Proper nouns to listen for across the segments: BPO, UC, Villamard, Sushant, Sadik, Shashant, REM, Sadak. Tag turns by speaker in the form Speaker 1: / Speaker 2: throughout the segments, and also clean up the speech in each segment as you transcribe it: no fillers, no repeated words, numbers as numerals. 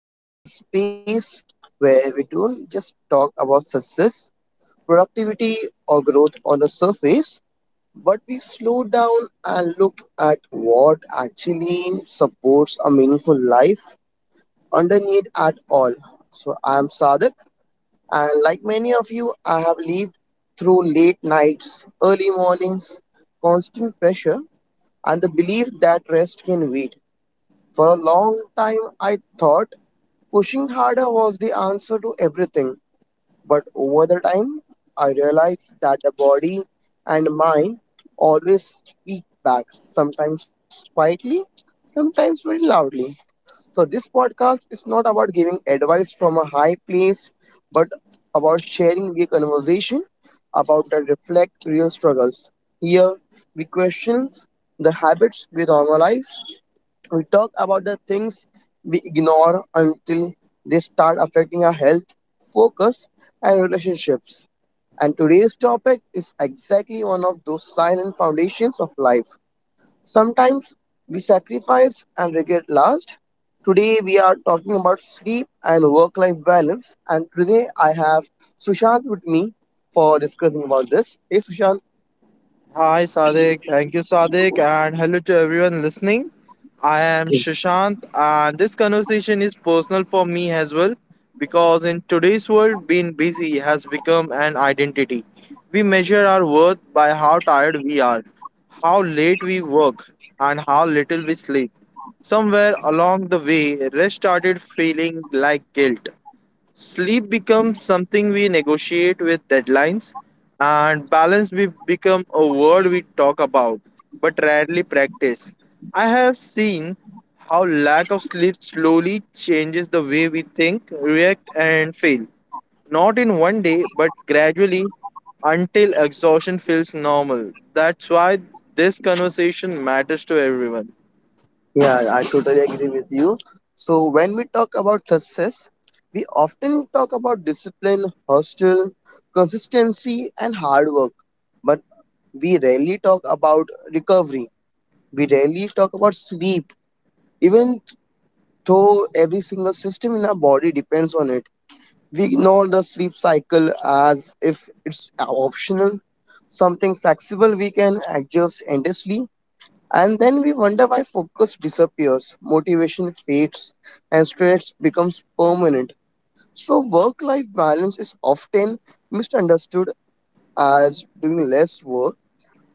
Speaker 1: Welcome to the space where we don't just talk about success, productivity, or growth on the surface, but we slow down and look at what actually supports a meaningful life underneath at all. So, I am Sadak, and like many of you, I have lived through late nights, early mornings, constant pressure, and the belief that rest can wait. For a long time, I thought pushing harder was the answer to everything, but over the time, I realized that the body and mind always speak back, sometimes quietly, sometimes very loudly. So, this podcast is not about giving advice from a high place, but about sharing the conversation about and reflect real struggles. Here, we question the habits we normalize, we talk about the things we ignore until they start affecting our health, focus, and relationships. And today's topic is exactly one of those silent foundations of life. Sometimes we sacrifice and regret last. Today we are talking about sleep and work-life balance. And today I have Sushant with me for discussing about this. Hey, Sushant.
Speaker 2: Hi, Sadik. Thank you, Sadik, and hello to everyone listening. I am Shashant, and this conversation is personal for me as well because in today's world, being busy has become an identity. We measure our worth by how tired we are, how late we work, and how little we sleep. Somewhere along the way, rest started feeling like guilt. Sleep becomes something we negotiate with deadlines, and balance become a word we talk about but rarely practice. I have seen how lack of sleep slowly changes the way we think, react, and feel. Not in one day, but gradually until exhaustion feels normal. That's why this conversation matters to everyone.
Speaker 1: Yeah, I totally agree with you. So when we talk about success, we often talk about discipline, hustle, consistency, and hard work. But we rarely talk about recovery. We rarely talk about sleep, even though every single system in our body depends on it. We ignore the sleep cycle as if it's optional, something flexible we can adjust endlessly and then we wonder why focus disappears, motivation fades, and stress becomes permanent. So, work life balance is often misunderstood as doing less work,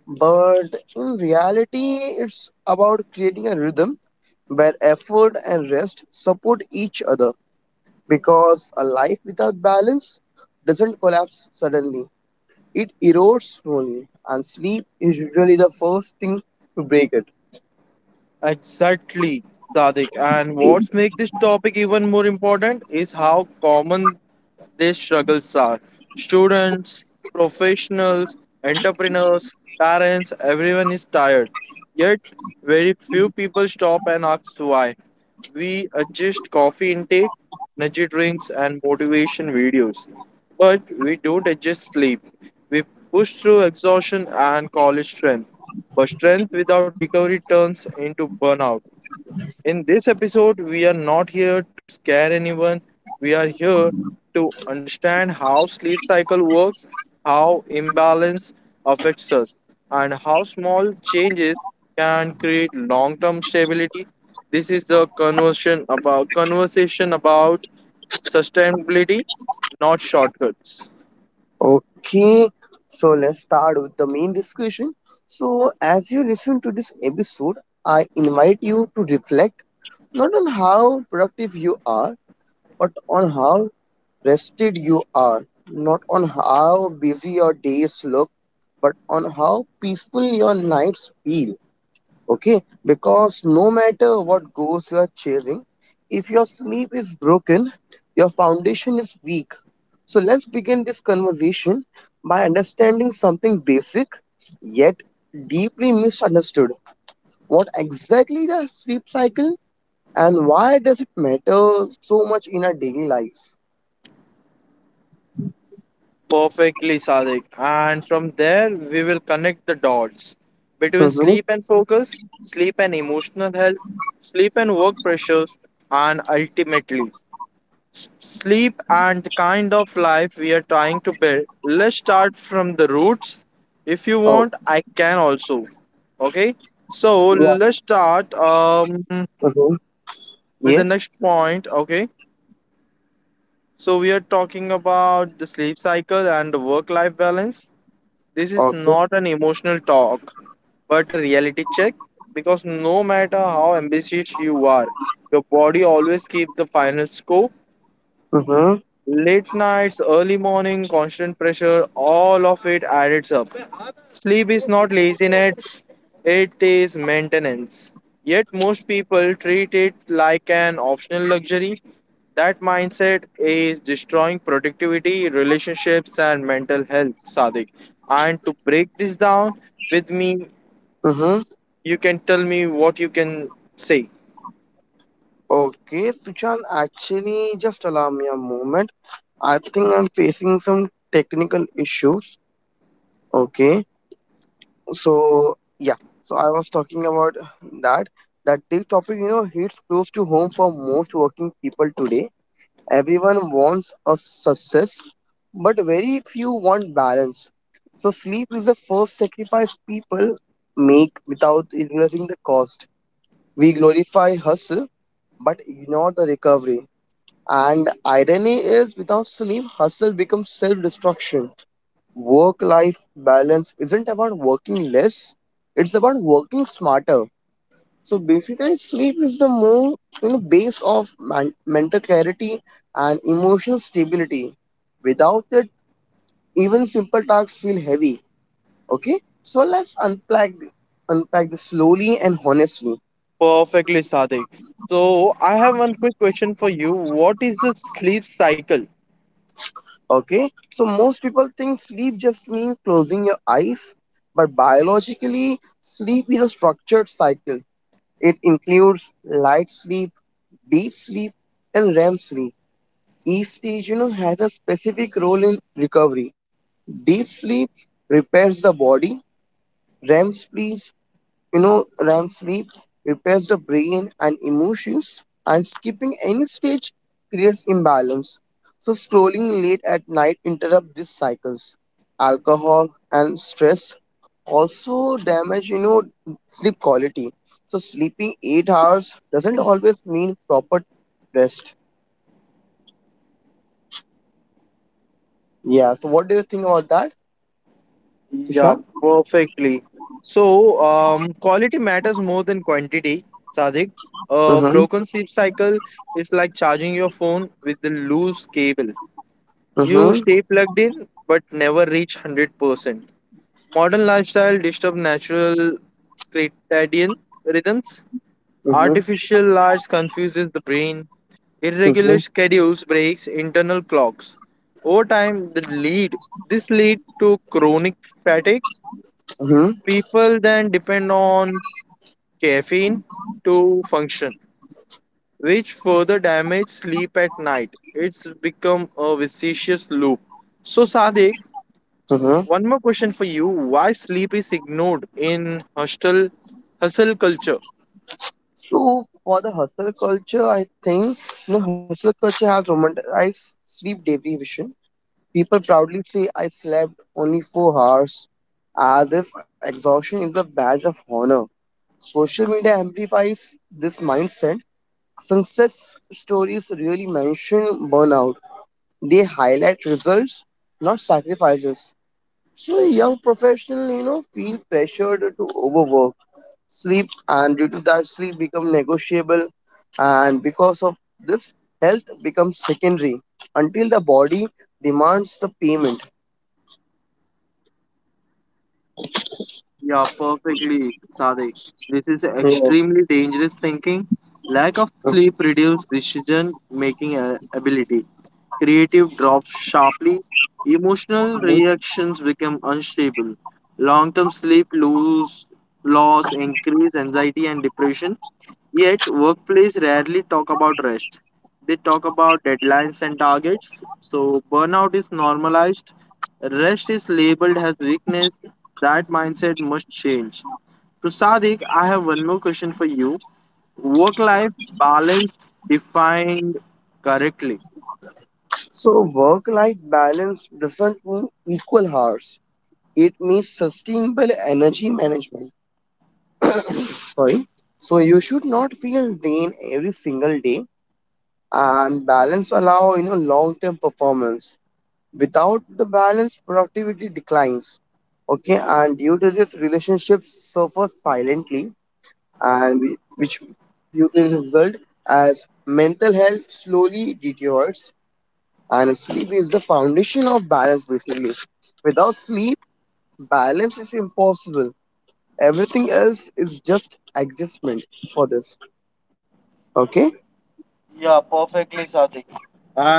Speaker 1: but in reality, it's about creating a rhythm where effort and rest support each other because a life without balance doesn't collapse suddenly, it erodes slowly, and sleep is usually the first thing to break it.
Speaker 2: Exactly, Sadik. And what makes this topic even more important is how common these struggles are. Students, professionals, entrepreneurs, parents, everyone is tired. Yet, very few people stop and ask why. We adjust coffee intake, energy drinks, and motivation videos. But we don't adjust sleep. We push through exhaustion and call it strength. But strength without recovery turns into burnout. In this episode, we are not here to scare anyone. We are here to understand how sleep cycle works, how imbalance affects us, and how small changes can create long-term stability. This is a conversation about sustainability, not shortcuts.
Speaker 1: Okay, so let's start with the main discussion. So, as you listen to this episode, I invite you to reflect not on how productive you are, but on how rested you are, not on how busy your days look, but on how peaceful your nights feel. Okay, because no matter what goals you are chasing, if your sleep is broken, your foundation is weak so let's begin this conversation by understanding something basic yet deeply misunderstood. What exactly is a sleep cycle and why does it matter so much in our daily lives?
Speaker 2: Perfectly, Sadik. And from there, we will connect the dots between
Speaker 1: Mm-hmm.
Speaker 2: sleep and focus, sleep and emotional health, sleep and work pressures, and ultimately, sleep and the kind of life we are trying to build. Let's start from the roots. If you
Speaker 1: Oh,
Speaker 2: want, I can also. Okay, so
Speaker 1: yeah.
Speaker 2: let's start
Speaker 1: Mm-hmm.
Speaker 2: with the
Speaker 1: Yes.
Speaker 2: next point. Okay, so we are talking about the sleep cycle and the work life balance. This is
Speaker 1: Okay.
Speaker 2: not an emotional talk, but a reality check because no matter how ambitious you are, your body always keeps the final score.
Speaker 1: Mm-hmm.
Speaker 2: Late nights, early morning, constant pressure, all of it adds up. Sleep is not laziness, it is maintenance. Yet most people treat it like an optional luxury. That mindset is destroying productivity, relationships, and mental health, Sadik. And to break this down with me,
Speaker 1: Mm-hmm.
Speaker 2: you can tell me what you can say.
Speaker 1: Okay, Suchan, actually, just allow me a moment. I think I'm facing some technical issues. Okay. So yeah, so I was talking about that that this topic, you know, hits close to home for most working people today. Everyone wants a success, but very few want balance. So sleep is the first sacrifice people make without realizing the cost. We glorify hustle but ignore the recovery, and irony is without sleep hustle becomes self-destruction. Work life balance isn't about working less, it's about working smarter. So basically sleep is the more, you know, base of mental clarity and emotional stability. Without it, even simple tasks feel heavy. Okay, so let's unpack this slowly and honestly.
Speaker 2: Perfectly, Sadik. So, I have one quick question for you. What is the sleep cycle?
Speaker 1: Okay, so most people think sleep just means closing your eyes, but biologically, sleep is a structured cycle. It includes light sleep, deep sleep, and REM sleep. Each stage, you know, has a specific role in recovery. Deep sleep repairs the body. REM sleep you know, REM sleep repairs the brain and emotions, and skipping any stage creates imbalance. So, scrolling late at night interrupt these cycles. Alcohol and stress also damage, you know, sleep quality. So, sleeping 8 hours doesn't always mean proper rest. Yeah. So, what do you think about that,
Speaker 2: Yeah,
Speaker 1: Tushar?
Speaker 2: perfectly. So, quality matters more than quantity, Sadik. A
Speaker 1: Mm-hmm,
Speaker 2: broken sleep cycle is like charging your phone with the loose cable. You
Speaker 1: mm-hmm,
Speaker 2: stay plugged in, but never reach 100%. Modern lifestyle disturb natural circadian rhythms.
Speaker 1: mm-hmm,
Speaker 2: Artificial lights confuses the brain. Irregular
Speaker 1: mm-hmm,
Speaker 2: schedules breaks internal clocks. Over time, the lead this lead to chronic fatigue. People then depend on caffeine to function, which further damage sleep at night. It's become a vicious loop. So, Sadik,
Speaker 1: mm-hmm.
Speaker 2: one more question for you. Why sleep is ignored in hostel hustle culture?
Speaker 1: So for the hustle culture, I think, you know, hustle culture has romanticized sleep deprivation. People proudly say, "I slept only 4 hours," as if exhaustion is a badge of honor. Social media amplifies this mindset. Success stories really mention burnout. They highlight results, not sacrifices. So young professionals, you know, feel pressured to overwork sleep and due to that sleep become negotiable and because of this health becomes secondary until the body demands the payment.
Speaker 2: Yeah, perfectly, Sadik. This is
Speaker 1: Yeah.
Speaker 2: extremely dangerous thinking. Lack of sleep reduces decision making ability. Creative drops sharply. Emotional reactions become unstable. Long term loss increase anxiety and depression. Yet, workplace rarely talk about rest. They talk about deadlines and targets. So, burnout is normalized. Rest is labeled as weakness. That mindset must change. So, Sadiq, I have one more question for you. Work life balance defined correctly.
Speaker 1: So work life balance doesn't mean equal hours, it means sustainable energy management. Sorry, so you should not feel drained every single day, and balance allow, you know, long term performance. Without the balance, productivity declines. Okay, and due to this, relationships suffer silently, and which due to the result as mental health slowly deteriorates. And sleep is the foundation of balance, basically. Without sleep, balance is impossible. Everything else is just adjustment for this. Okay.
Speaker 2: Yeah, perfectly, Sadiq.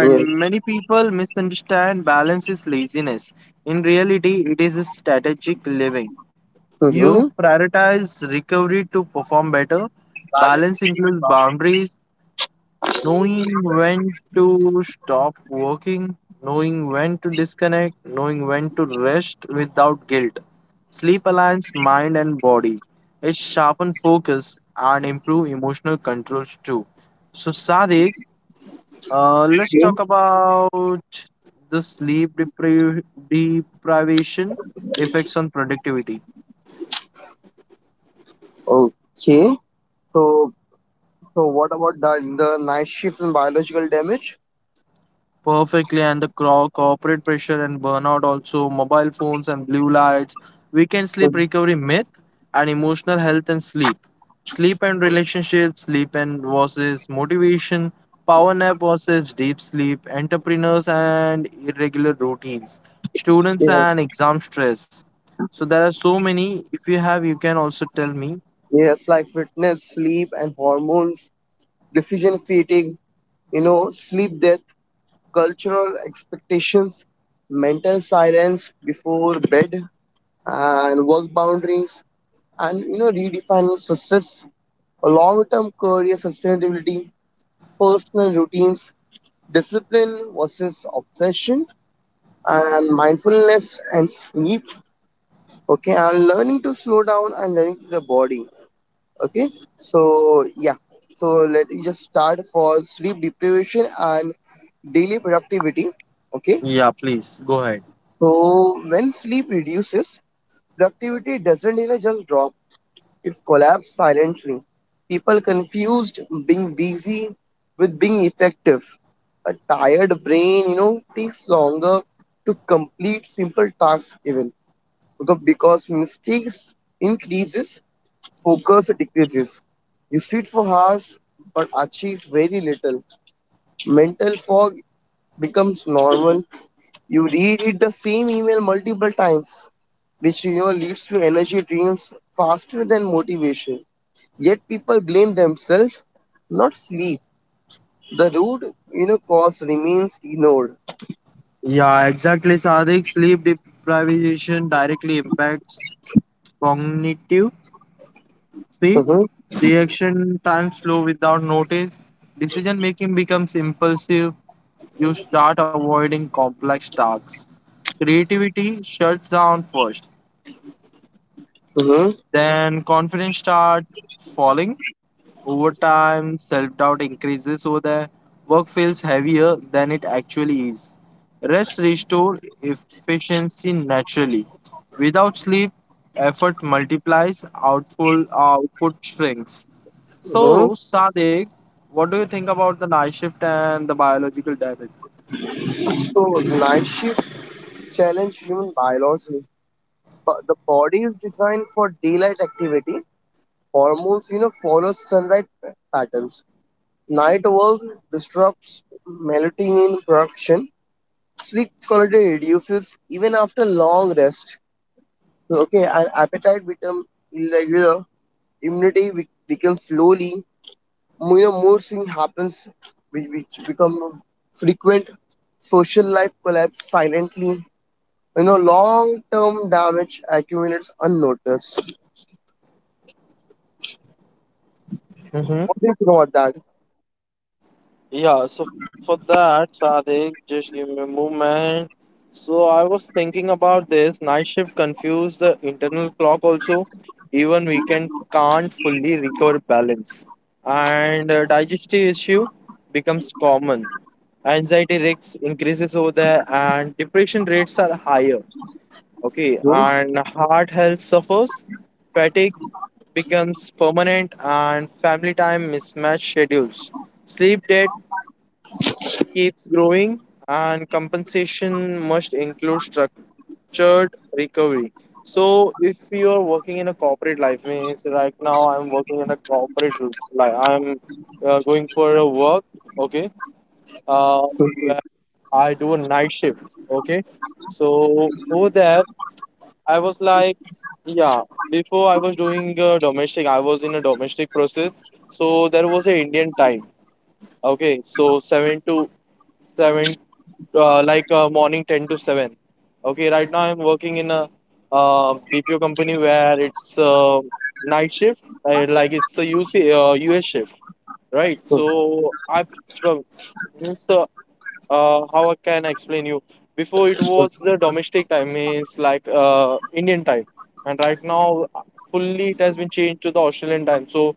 Speaker 1: Yes.
Speaker 2: many people misunderstand balance is laziness. In reality, it is a strategic living. You
Speaker 1: Mm-hmm.
Speaker 2: prioritize recovery to perform better. Balance includes boundaries, knowing when to stop working, knowing when to disconnect, knowing when to rest without guilt. Sleep aligns mind and body. It sharpens focus and improves emotional controls too. So, Sadiq, let's
Speaker 1: Okay.
Speaker 2: talk about the sleep deprivation effects on productivity.
Speaker 1: Okay. So, so what about the night shifts and biological damage?
Speaker 2: Perfectly, and the corporate pressure and burnout, also mobile phones and blue lights, weekend sleep recovery myth, and emotional health and sleep. Sleep and relationships, sleep and versus motivation, power nap versus deep sleep, entrepreneurs and irregular routines, students
Speaker 1: Yes,
Speaker 2: and exam stress. So there are so many. If you have, you can also tell me.
Speaker 1: yes, like fitness, sleep, and hormones, decision fatigue, you know, sleep death, cultural expectations, mental silence before bed, and work boundaries, and you know, redefining success, long term career sustainability, personal routines, discipline versus obsession, and mindfulness and sleep. Okay, and learning to slow down and learning to the body. Okay, so yeah, so let me just start for sleep deprivation and daily productivity. Okay,
Speaker 2: Yeah, please go ahead.
Speaker 1: so when sleep reduces, productivity doesn't, you know, just drop, it collapses silently. People confused being busy with being effective. A tired brain, you know, takes longer to complete simple tasks even because mistakes increases, focus decreases. You sit for hours but achieve very little. Mental fog becomes normal. You reread the same email multiple times, which, you know, leads to energy drains faster than motivation. Yet people blame themselves, not sleep. The root, you know, cause remains ignored.
Speaker 2: Yeah, exactly, Sadik. Sleep deprivation directly impacts cognitive speed,
Speaker 1: Mhm,
Speaker 2: reaction time slow without notice, decision making becomes impulsive, you start avoiding complex tasks. Creativity shuts down first.
Speaker 1: mhm,
Speaker 2: Then confidence starts falling. Over time, self doubt increases so that work feels heavier than it actually is. Rest restores efficiency naturally. Without sleep, effort multiplies, output shrinks.
Speaker 1: mhm.
Speaker 2: So, Sadiq, what do you think about the night shift and the biological damage?
Speaker 1: So night shift challenge human biology. But the body is designed for daylight activity. Hormones, you know, follow sunlight patterns. Night work disrupts melatonin production. Sleep quality reduces even after long rest. Okay, and appetite become irregular. Immunity weakens slowly. You know, mood swing happens, which become frequent. Social life collapse silently. You know, long-term damage accumulates unnoticed. What do you think about that?
Speaker 2: Yeah, so for that, Sadik, just give me a moment. So I was thinking about this. Night shift confuse the internal clock also. Even weekend can't fully recover balance. And digestive issue becomes common. Anxiety risks increases over there and depression rates are higher. Okay, and heart health suffers. Fatigue becomes permanent and family time mismatch schedules. Sleep debt keeps growing, and compensation must include structured recovery. So, if you are working in a corporate life, means right now I'm working in a corporate life, I'm going for a work, okay, uh, where I do a night shift, okay. So, over there, I was like, yeah, before I was doing domestic, I was in a domestic process, so there was a Indian time, okay, so 7 to 7, morning 10 to 7. Okay, right now I'm working in a bpo company where it's night shift, like it's a U C, uc us shift, right? So I, well, means how I can explain you, before it was the domestic time means like indian time, and right now fully it has been changed to the australian time. So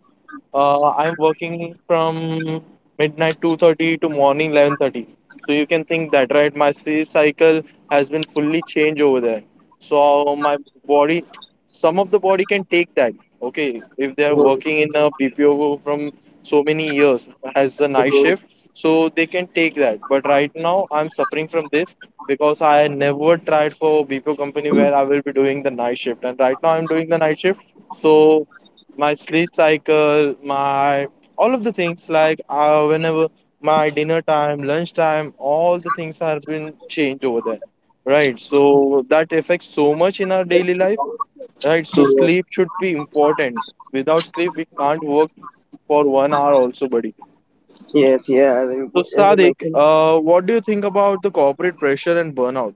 Speaker 2: I'm working from midnight 2:30 to morning 11:30. So you can think that, right? My sleep cycle has been fully changed over there. So my body, some of the body can take that. Okay, if they are working in a PPO from so many years as a night
Speaker 1: Hmm?
Speaker 2: shift, so they can take that. But right now, I'm suffering from this because I never tried for BPO company where I will be doing the night shift, and right now I'm doing the night shift. So my sleep cycle, my all of the things like whenever my dinner time, lunch time, all the things have been changed over there, right? So that affects so much in our daily life,
Speaker 1: Yes,
Speaker 2: right? So sleep should be important. Without sleep, we can't work for one hour also, buddy.
Speaker 1: yes, yeah. As
Speaker 2: So
Speaker 1: I as I
Speaker 2: Sadiq,
Speaker 1: mentioned,
Speaker 2: what do you think about the corporate pressure and burnout?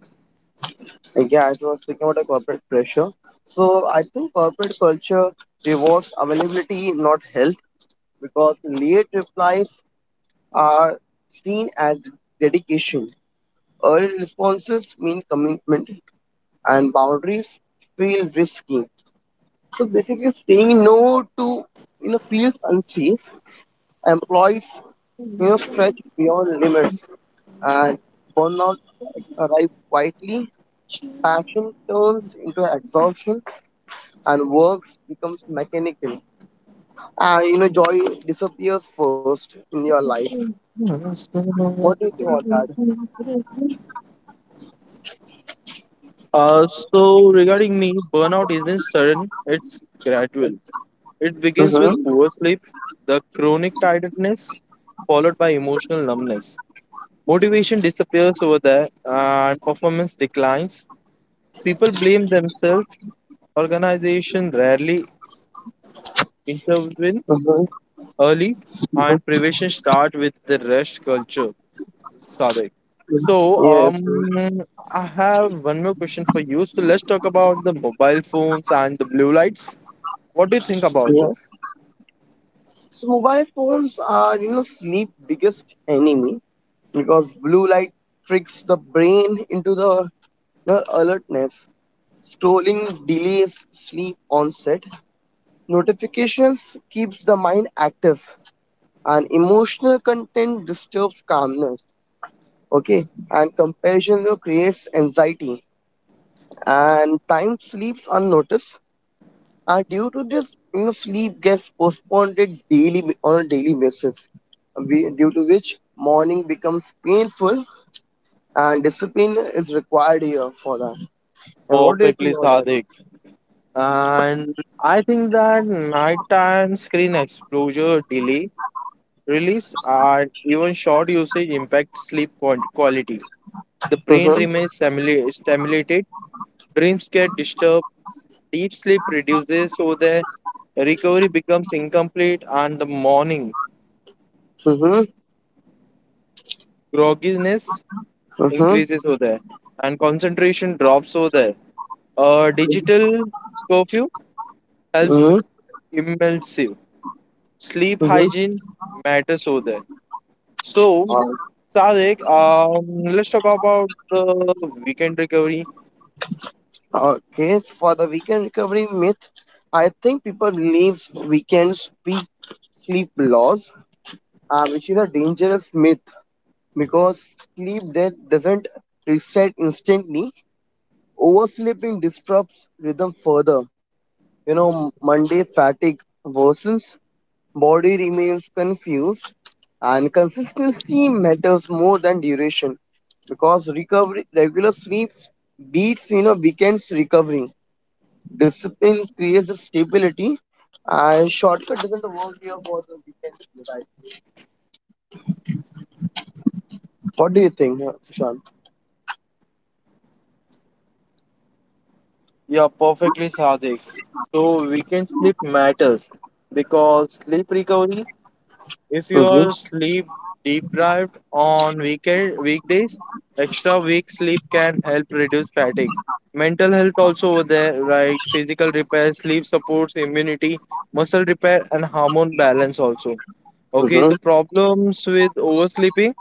Speaker 1: like, yeah, as I was speaking about the corporate pressure. So I think corporate culture rewards availability, not health, because late replies are seen as dedication. Early responses mean commitment, and boundaries feel risky. So basically, saying no to, you know, feels unsafe. Employees, you know, stretch beyond limits, and burnout arrive quietly, passion turns into exhaustion and work becomes mechanical. You know, joy disappears first in your life. What do you think about that?
Speaker 2: So regarding me, burnout isn't sudden; it's gradual. It begins
Speaker 1: Mm-hmm.
Speaker 2: with poor sleep, the chronic tiredness, followed by emotional numbness. Motivation disappears over there and performance declines. People blame themselves, organization rarely intervene
Speaker 1: Mm-hmm.
Speaker 2: early, and prevention start with the rest culture. Sadik. So,
Speaker 1: Yes.
Speaker 2: I have one more question for you. So, let's talk about the mobile phones and the blue lights. What do you think about
Speaker 1: Yeah.
Speaker 2: this?
Speaker 1: So mobile phones are, you know, sleep biggest enemy because blue light tricks the brain into the, you know, alertness. Scrolling delays sleep onset. Notifications keeps the mind active and emotional content disturbs calmness. Okay, and comparison, you know, creates anxiety and time sleeps unnoticed and due to this, you know, sleep gets postponed it daily on a daily basis, due to which morning becomes painful and discipline is required here for that. And what do you
Speaker 2: Perfectly,
Speaker 1: think about that?
Speaker 2: Sadik. And I think that nighttime screen exposure delay, release, and even short usage impact sleep quality. The brain
Speaker 1: Mm-hmm,
Speaker 2: remains stimulated, dreams get disturbed, deep sleep reduces, so the recovery becomes incomplete, and the morning
Speaker 1: mm-hmm,
Speaker 2: grogginess
Speaker 1: mm-hmm,
Speaker 2: increases over there, and concentration drops over there. A digital curfew helps
Speaker 1: mm-hmm,
Speaker 2: immersive. Sleep
Speaker 1: mm-hmm.
Speaker 2: hygiene matters over there. So,
Speaker 1: Uh,
Speaker 2: Sadik, let's talk about the weekend recovery.
Speaker 1: okay, for the weekend recovery myth, I think people believes weekends peak sleep loss, which is a dangerous myth because sleep debt doesn't reset instantly. Oversleeping disrupts rhythm further. You know, Monday fatigue worsens, body remains confused, and consistency matters more than duration because recovery, regular sleep beats, you know, weekends recovery. Discipline creates the stability, and shortcut doesn't work here for the weekend. What do you think, Sushant?
Speaker 2: Yeah, perfectly, Sadik. So, weekend sleep matters because sleep recovery, if you
Speaker 1: Mm-hmm.
Speaker 2: are sleep deprived on weekend weekdays, extra week sleep can help reduce fatigue. Mental health also over there, right? Physical repair, sleep supports immunity, muscle repair, and hormone balance also. Okay, the
Speaker 1: Mm-hmm.
Speaker 2: problems with oversleeping.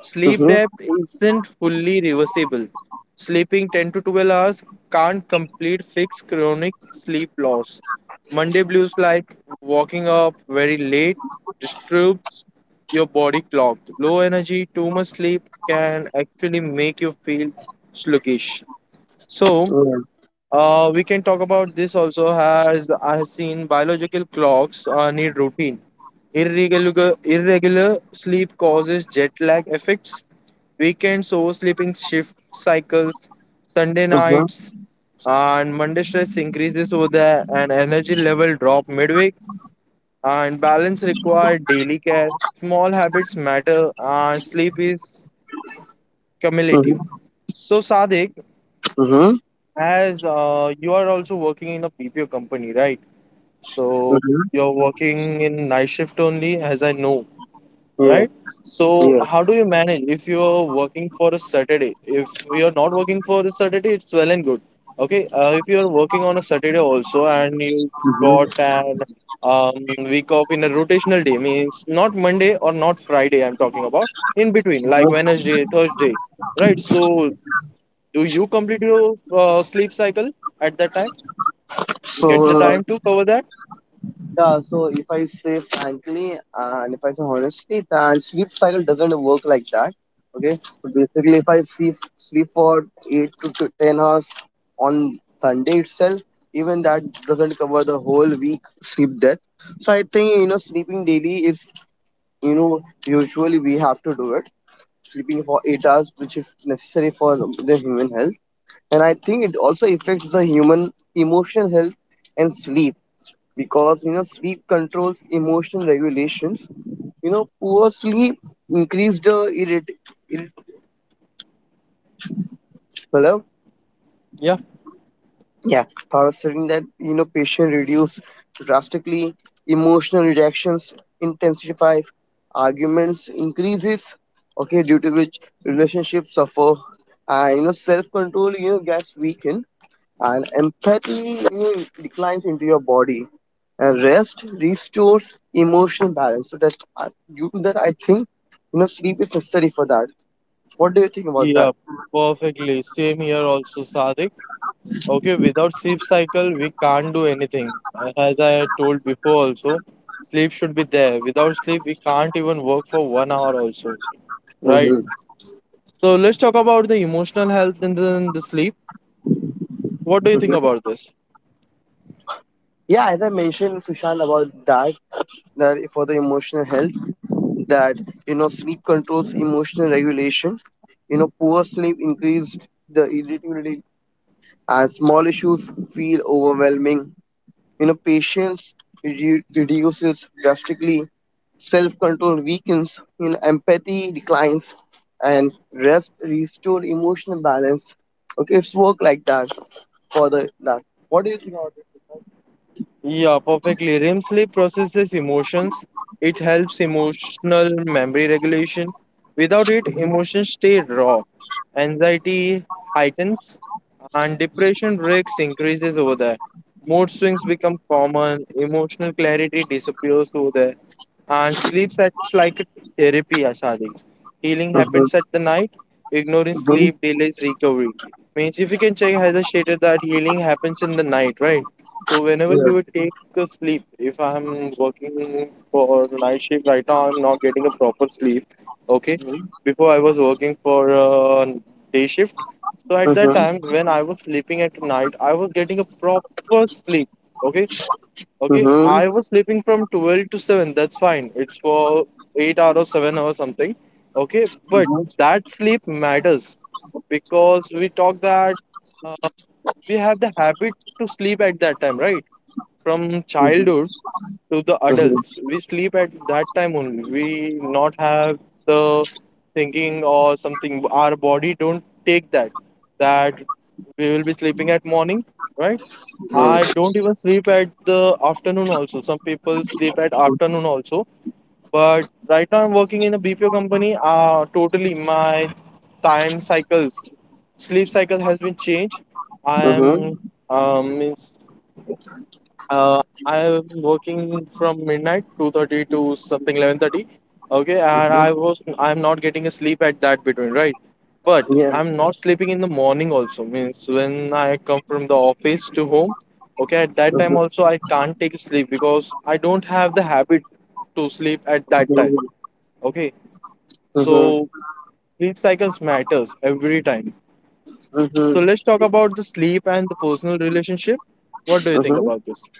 Speaker 2: Sleep
Speaker 1: Mhm.
Speaker 2: debt isn't fully reversible. Sleeping 10 to 12 hours can't complete fixed chronic sleep loss. Monday blues like waking up very late disturbs your body clock. Low energy, too much sleep can actually make you feel sluggish. So,
Speaker 1: Yeah.
Speaker 2: we can talk about this also has I have seen biological clocks need routine. Irregular sleep causes jet lag effects, weekend so sleeping shift cycles, Sunday
Speaker 1: Mhm.
Speaker 2: nights, and Monday stress increases over there, and energy level drop midweek. And balance require daily care. Small habits matter, and sleep is cumulative.
Speaker 1: Mhm.
Speaker 2: So, Sadik,
Speaker 1: Mhm.
Speaker 2: as you are also working in a BPO company, right? So
Speaker 1: Mhm.
Speaker 2: you're working in night shift only, as I know,
Speaker 1: Yeah.
Speaker 2: right? So
Speaker 1: Yeah.
Speaker 2: how do you manage if you're working for a Saturday? If you're not working for a Saturday, it's well and good. Okay, if you're working on a Saturday also and you got
Speaker 1: Mhm.
Speaker 2: an week off in a rotational day, means not Monday or not Friday, I'm talking about, in between, like
Speaker 1: Mhm.
Speaker 2: Wednesday, Thursday, right? So do you complete your sleep cycle at that time? You get the
Speaker 1: So
Speaker 2: time to cover that?
Speaker 1: yeah. So if I say frankly and if I say honestly, then sleep cycle doesn't work like that. Okay. So basically, if I sleep for eight to 10 hours on Sunday itself, even that doesn't cover the whole week sleep debt. So I think, you know, sleeping daily is, you know, usually we have to do it sleeping for 8 hours, which is necessary for the human health. And I think it also affects the human emotional health and sleep because, you know, sleep controls emotional regulations. You know, poor sleep increased the irrit-
Speaker 2: Yeah.
Speaker 1: Yeah, Bharat saying that, you know, patient reduce drastically, emotional reactions intensify, arguments increases. Okay, due to which relationships suffer, and, you know, self control, you know, gets weakened, and empathy, you know, declines into your body, and rest restores emotional balance. So that due to that, I think, you know, sleep is necessary for that. What do you think about that?
Speaker 2: Yeah, perfectly. Same here also, Sadik. Okay, without sleep cycle, we can't do anything. As I told before also, sleep should be there. Without sleep, we can't even work for one hour also, right?
Speaker 1: Hmm.
Speaker 2: So let's talk about the emotional health and then the sleep. What do you think about this?
Speaker 1: Yeah, as I mentioned, Sushant, about that. That for the emotional health, that, you know, sleep controls emotional regulation, you know, poor sleep increased the irritability and small issues feel overwhelming, you know, patience reduces drastically, self-control weakens, you know, empathy declines and rest restore emotional balance. Okay, it's work like that for the that. What do you think about this?
Speaker 2: Yeah, perfectly. REM sleep processes emotions. It helps emotional memory regulation. Without it, emotions stay raw. Anxiety heightens and depression breaks increases over there. Mood swings become common. Emotional clarity disappears over there. And sleep acts like a therapy, Ashadi. Healing
Speaker 1: Mhm,
Speaker 2: happens at the night. Ignoring
Speaker 1: mhm,
Speaker 2: sleep delays recovery. Means if you can check, has stated that healing happens in the night, right? So whenever you
Speaker 1: yes,
Speaker 2: would take a sleep, if I'm working for night shift right now, I'm not getting a proper sleep. Okay,
Speaker 1: mhm,
Speaker 2: before I was working for day shift. So at that time, when I was sleeping at night, I was getting a proper sleep. Okay, okay,
Speaker 1: mhm,
Speaker 2: I was sleeping from 12 to 7. That's fine. It's for 8 hours or 7 hours something. Okay, but
Speaker 1: mhm.
Speaker 2: that sleep matters because we talk that uh, we have the habit to sleep at that time, right? From
Speaker 1: Uh
Speaker 2: childhood to the
Speaker 1: uh
Speaker 2: adults, we sleep at that time only. We not have the thinking or something. Our body don't take that that we will be sleeping at morning, right? I
Speaker 1: huh.
Speaker 2: don't even sleep at the afternoon also. Some people sleep at afternoon also, but right now I'm working in a BPO company. Totally my time cycles, sleep cycle has been changed. I
Speaker 1: Uh
Speaker 2: am
Speaker 1: huh.
Speaker 2: means I'm working from midnight, 2:30 to something 11:30. Okay, and I'm not getting a sleep at that between, right? But
Speaker 1: Yeah.
Speaker 2: I'm not sleeping in the morning also. Means when I come from the office to home, okay, at that
Speaker 1: Uh
Speaker 2: time also I can't take sleep because I don't have the habit to sleep at that time. Okay,
Speaker 1: uh huh.
Speaker 2: so sleep cycles matters every time. So
Speaker 1: Huh.
Speaker 2: let's talk about the sleep and the personal relationship. What do you think
Speaker 1: Huh.
Speaker 2: about this?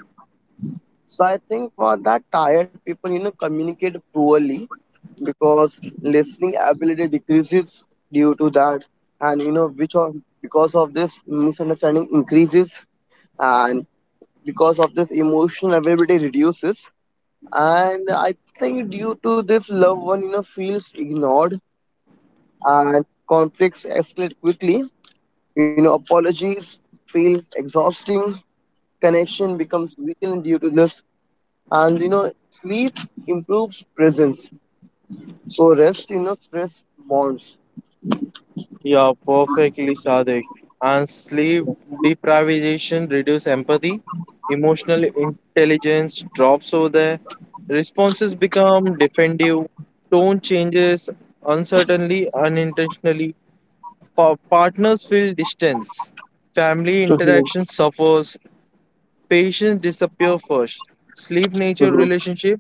Speaker 1: So I think for that tired people, you know, communicate poorly because listening ability decreases due to that, and, you know, which of because of this misunderstanding increases, and because of this emotional availability reduces, and I think due to this, loved one, you know, feels ignored and conflicts escalate quickly. You know, apologies feels exhausting, connection becomes weakened due to this, and, you know, sleep improves presence. So rest, you know, stress bonds.
Speaker 2: Yeah, perfectly, Sadik. And sleep deprivation reduce empathy, emotional intelligence drops over there, responses become defensive, tone changes uncertainly, unintentionally, partners feel distance, family
Speaker 1: Mhm,
Speaker 2: interaction suffers, patients disappear first. Sleep nature
Speaker 1: mhm,
Speaker 2: relationship,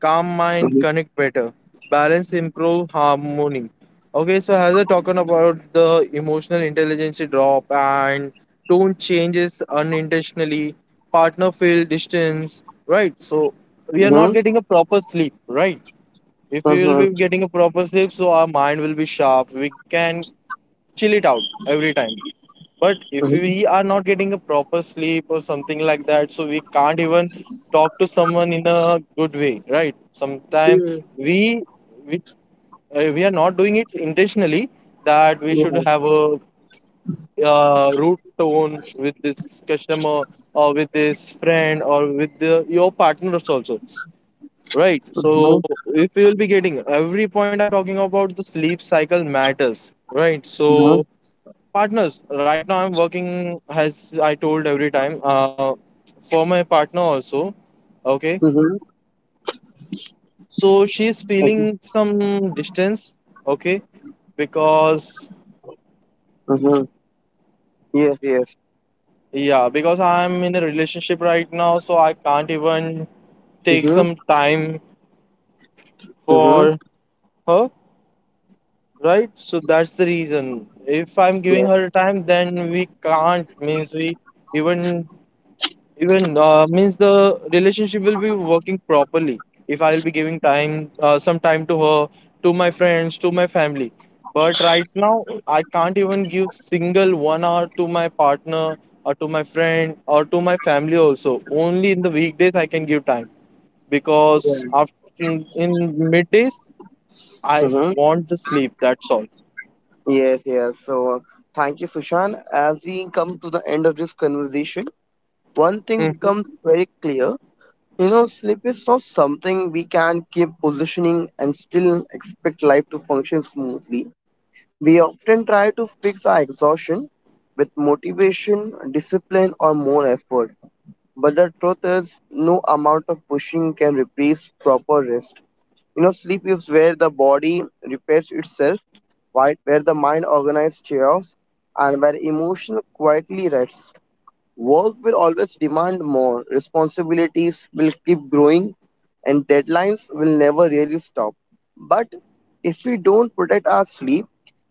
Speaker 2: calm mind connect better. Balance improve harmony. Okay, so as I talking about the emotional intelligence drop and tone changes unintentionally, partner feel distance, right? So we are not getting a proper sleep, right? If we will
Speaker 1: mhm,
Speaker 2: be getting a proper sleep, so our mind will be sharp. We can chill it out every time. But if we are not getting a proper sleep or something like that, so we can't even talk to someone in a good way, right? Sometimes we we, we are not doing it intentionally that we should have a rude tone with this customer or with this friend or with your partners also. Right. So if you will be getting every point I'm talking about, the sleep cycle matters. Right.
Speaker 1: mhm,
Speaker 2: So partners right now I'm working, as I told every time, for my partner also. Okay,
Speaker 1: mhm, mhm. Yes, yes, mhm,
Speaker 2: so she's
Speaker 1: mhm, mhm, okay,
Speaker 2: feeling some distance. Okay, because
Speaker 1: mhm. Yes, yes.
Speaker 2: yeah, because I'm in a relationship right now, so I can't even take
Speaker 1: Mm-hmm.
Speaker 2: some time
Speaker 1: Mm-hmm.
Speaker 2: for her, right? So that's the reason. If I'm giving
Speaker 1: Yes.
Speaker 2: her time, then we can't, means we even even means the relationship will be working properly if I'll be giving time, some time to her, to my friends, to my family. But right now I can't even give single 1 hour to my partner or to my friend or to my family also. Only in the weekdays I can give time because
Speaker 1: Yes.
Speaker 2: after in middays I
Speaker 1: Mm-hmm.
Speaker 2: want the sleep. That's all.
Speaker 1: Yes. Yes. So, thank you, Sushan. As we come to the end of this conversation, one thing becomes
Speaker 2: Mhm.
Speaker 1: very clear. You know, sleep is not something we can keep positioning and still expect life to function smoothly. We often try to fix our exhaustion with motivation, discipline, or more effort. But the truth is, no amount of pushing can replace proper rest. You know, sleep is where the body repairs itself, while where the mind organizes chaos, and where emotion quietly rests. Work will always demand more, responsibilities will keep growing and deadlines will never really stop. But if we don't protect our sleep,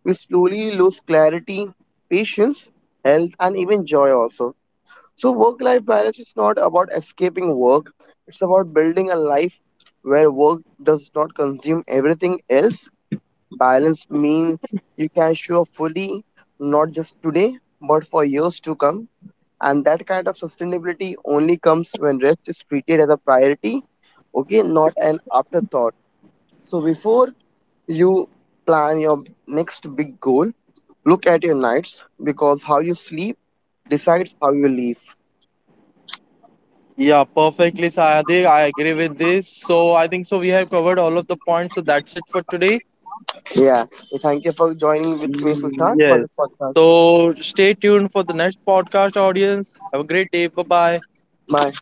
Speaker 1: we slowly lose clarity, patience, health, and even joy also. So, work life balance is not about escaping work, it's about building a life where work does not consume everything else. Balance means you can show up fully, not just today, but for years to come. And that kind of sustainability only comes when rest is treated as a priority, okay, not an afterthought. So before you plan your next big goal, look at your nights because how you sleep decides how you live.
Speaker 2: Yeah, perfectly, Sayadi. I agree with this. So I think so we have covered all of the points. So that's it for today.
Speaker 1: Yeah. Thank you for joining with me,
Speaker 2: Mm,
Speaker 1: Sushant, for
Speaker 2: yes.
Speaker 1: this podcast.
Speaker 2: So stay tuned for the next podcast, audience. Have a great day. Bye bye.
Speaker 1: Bye.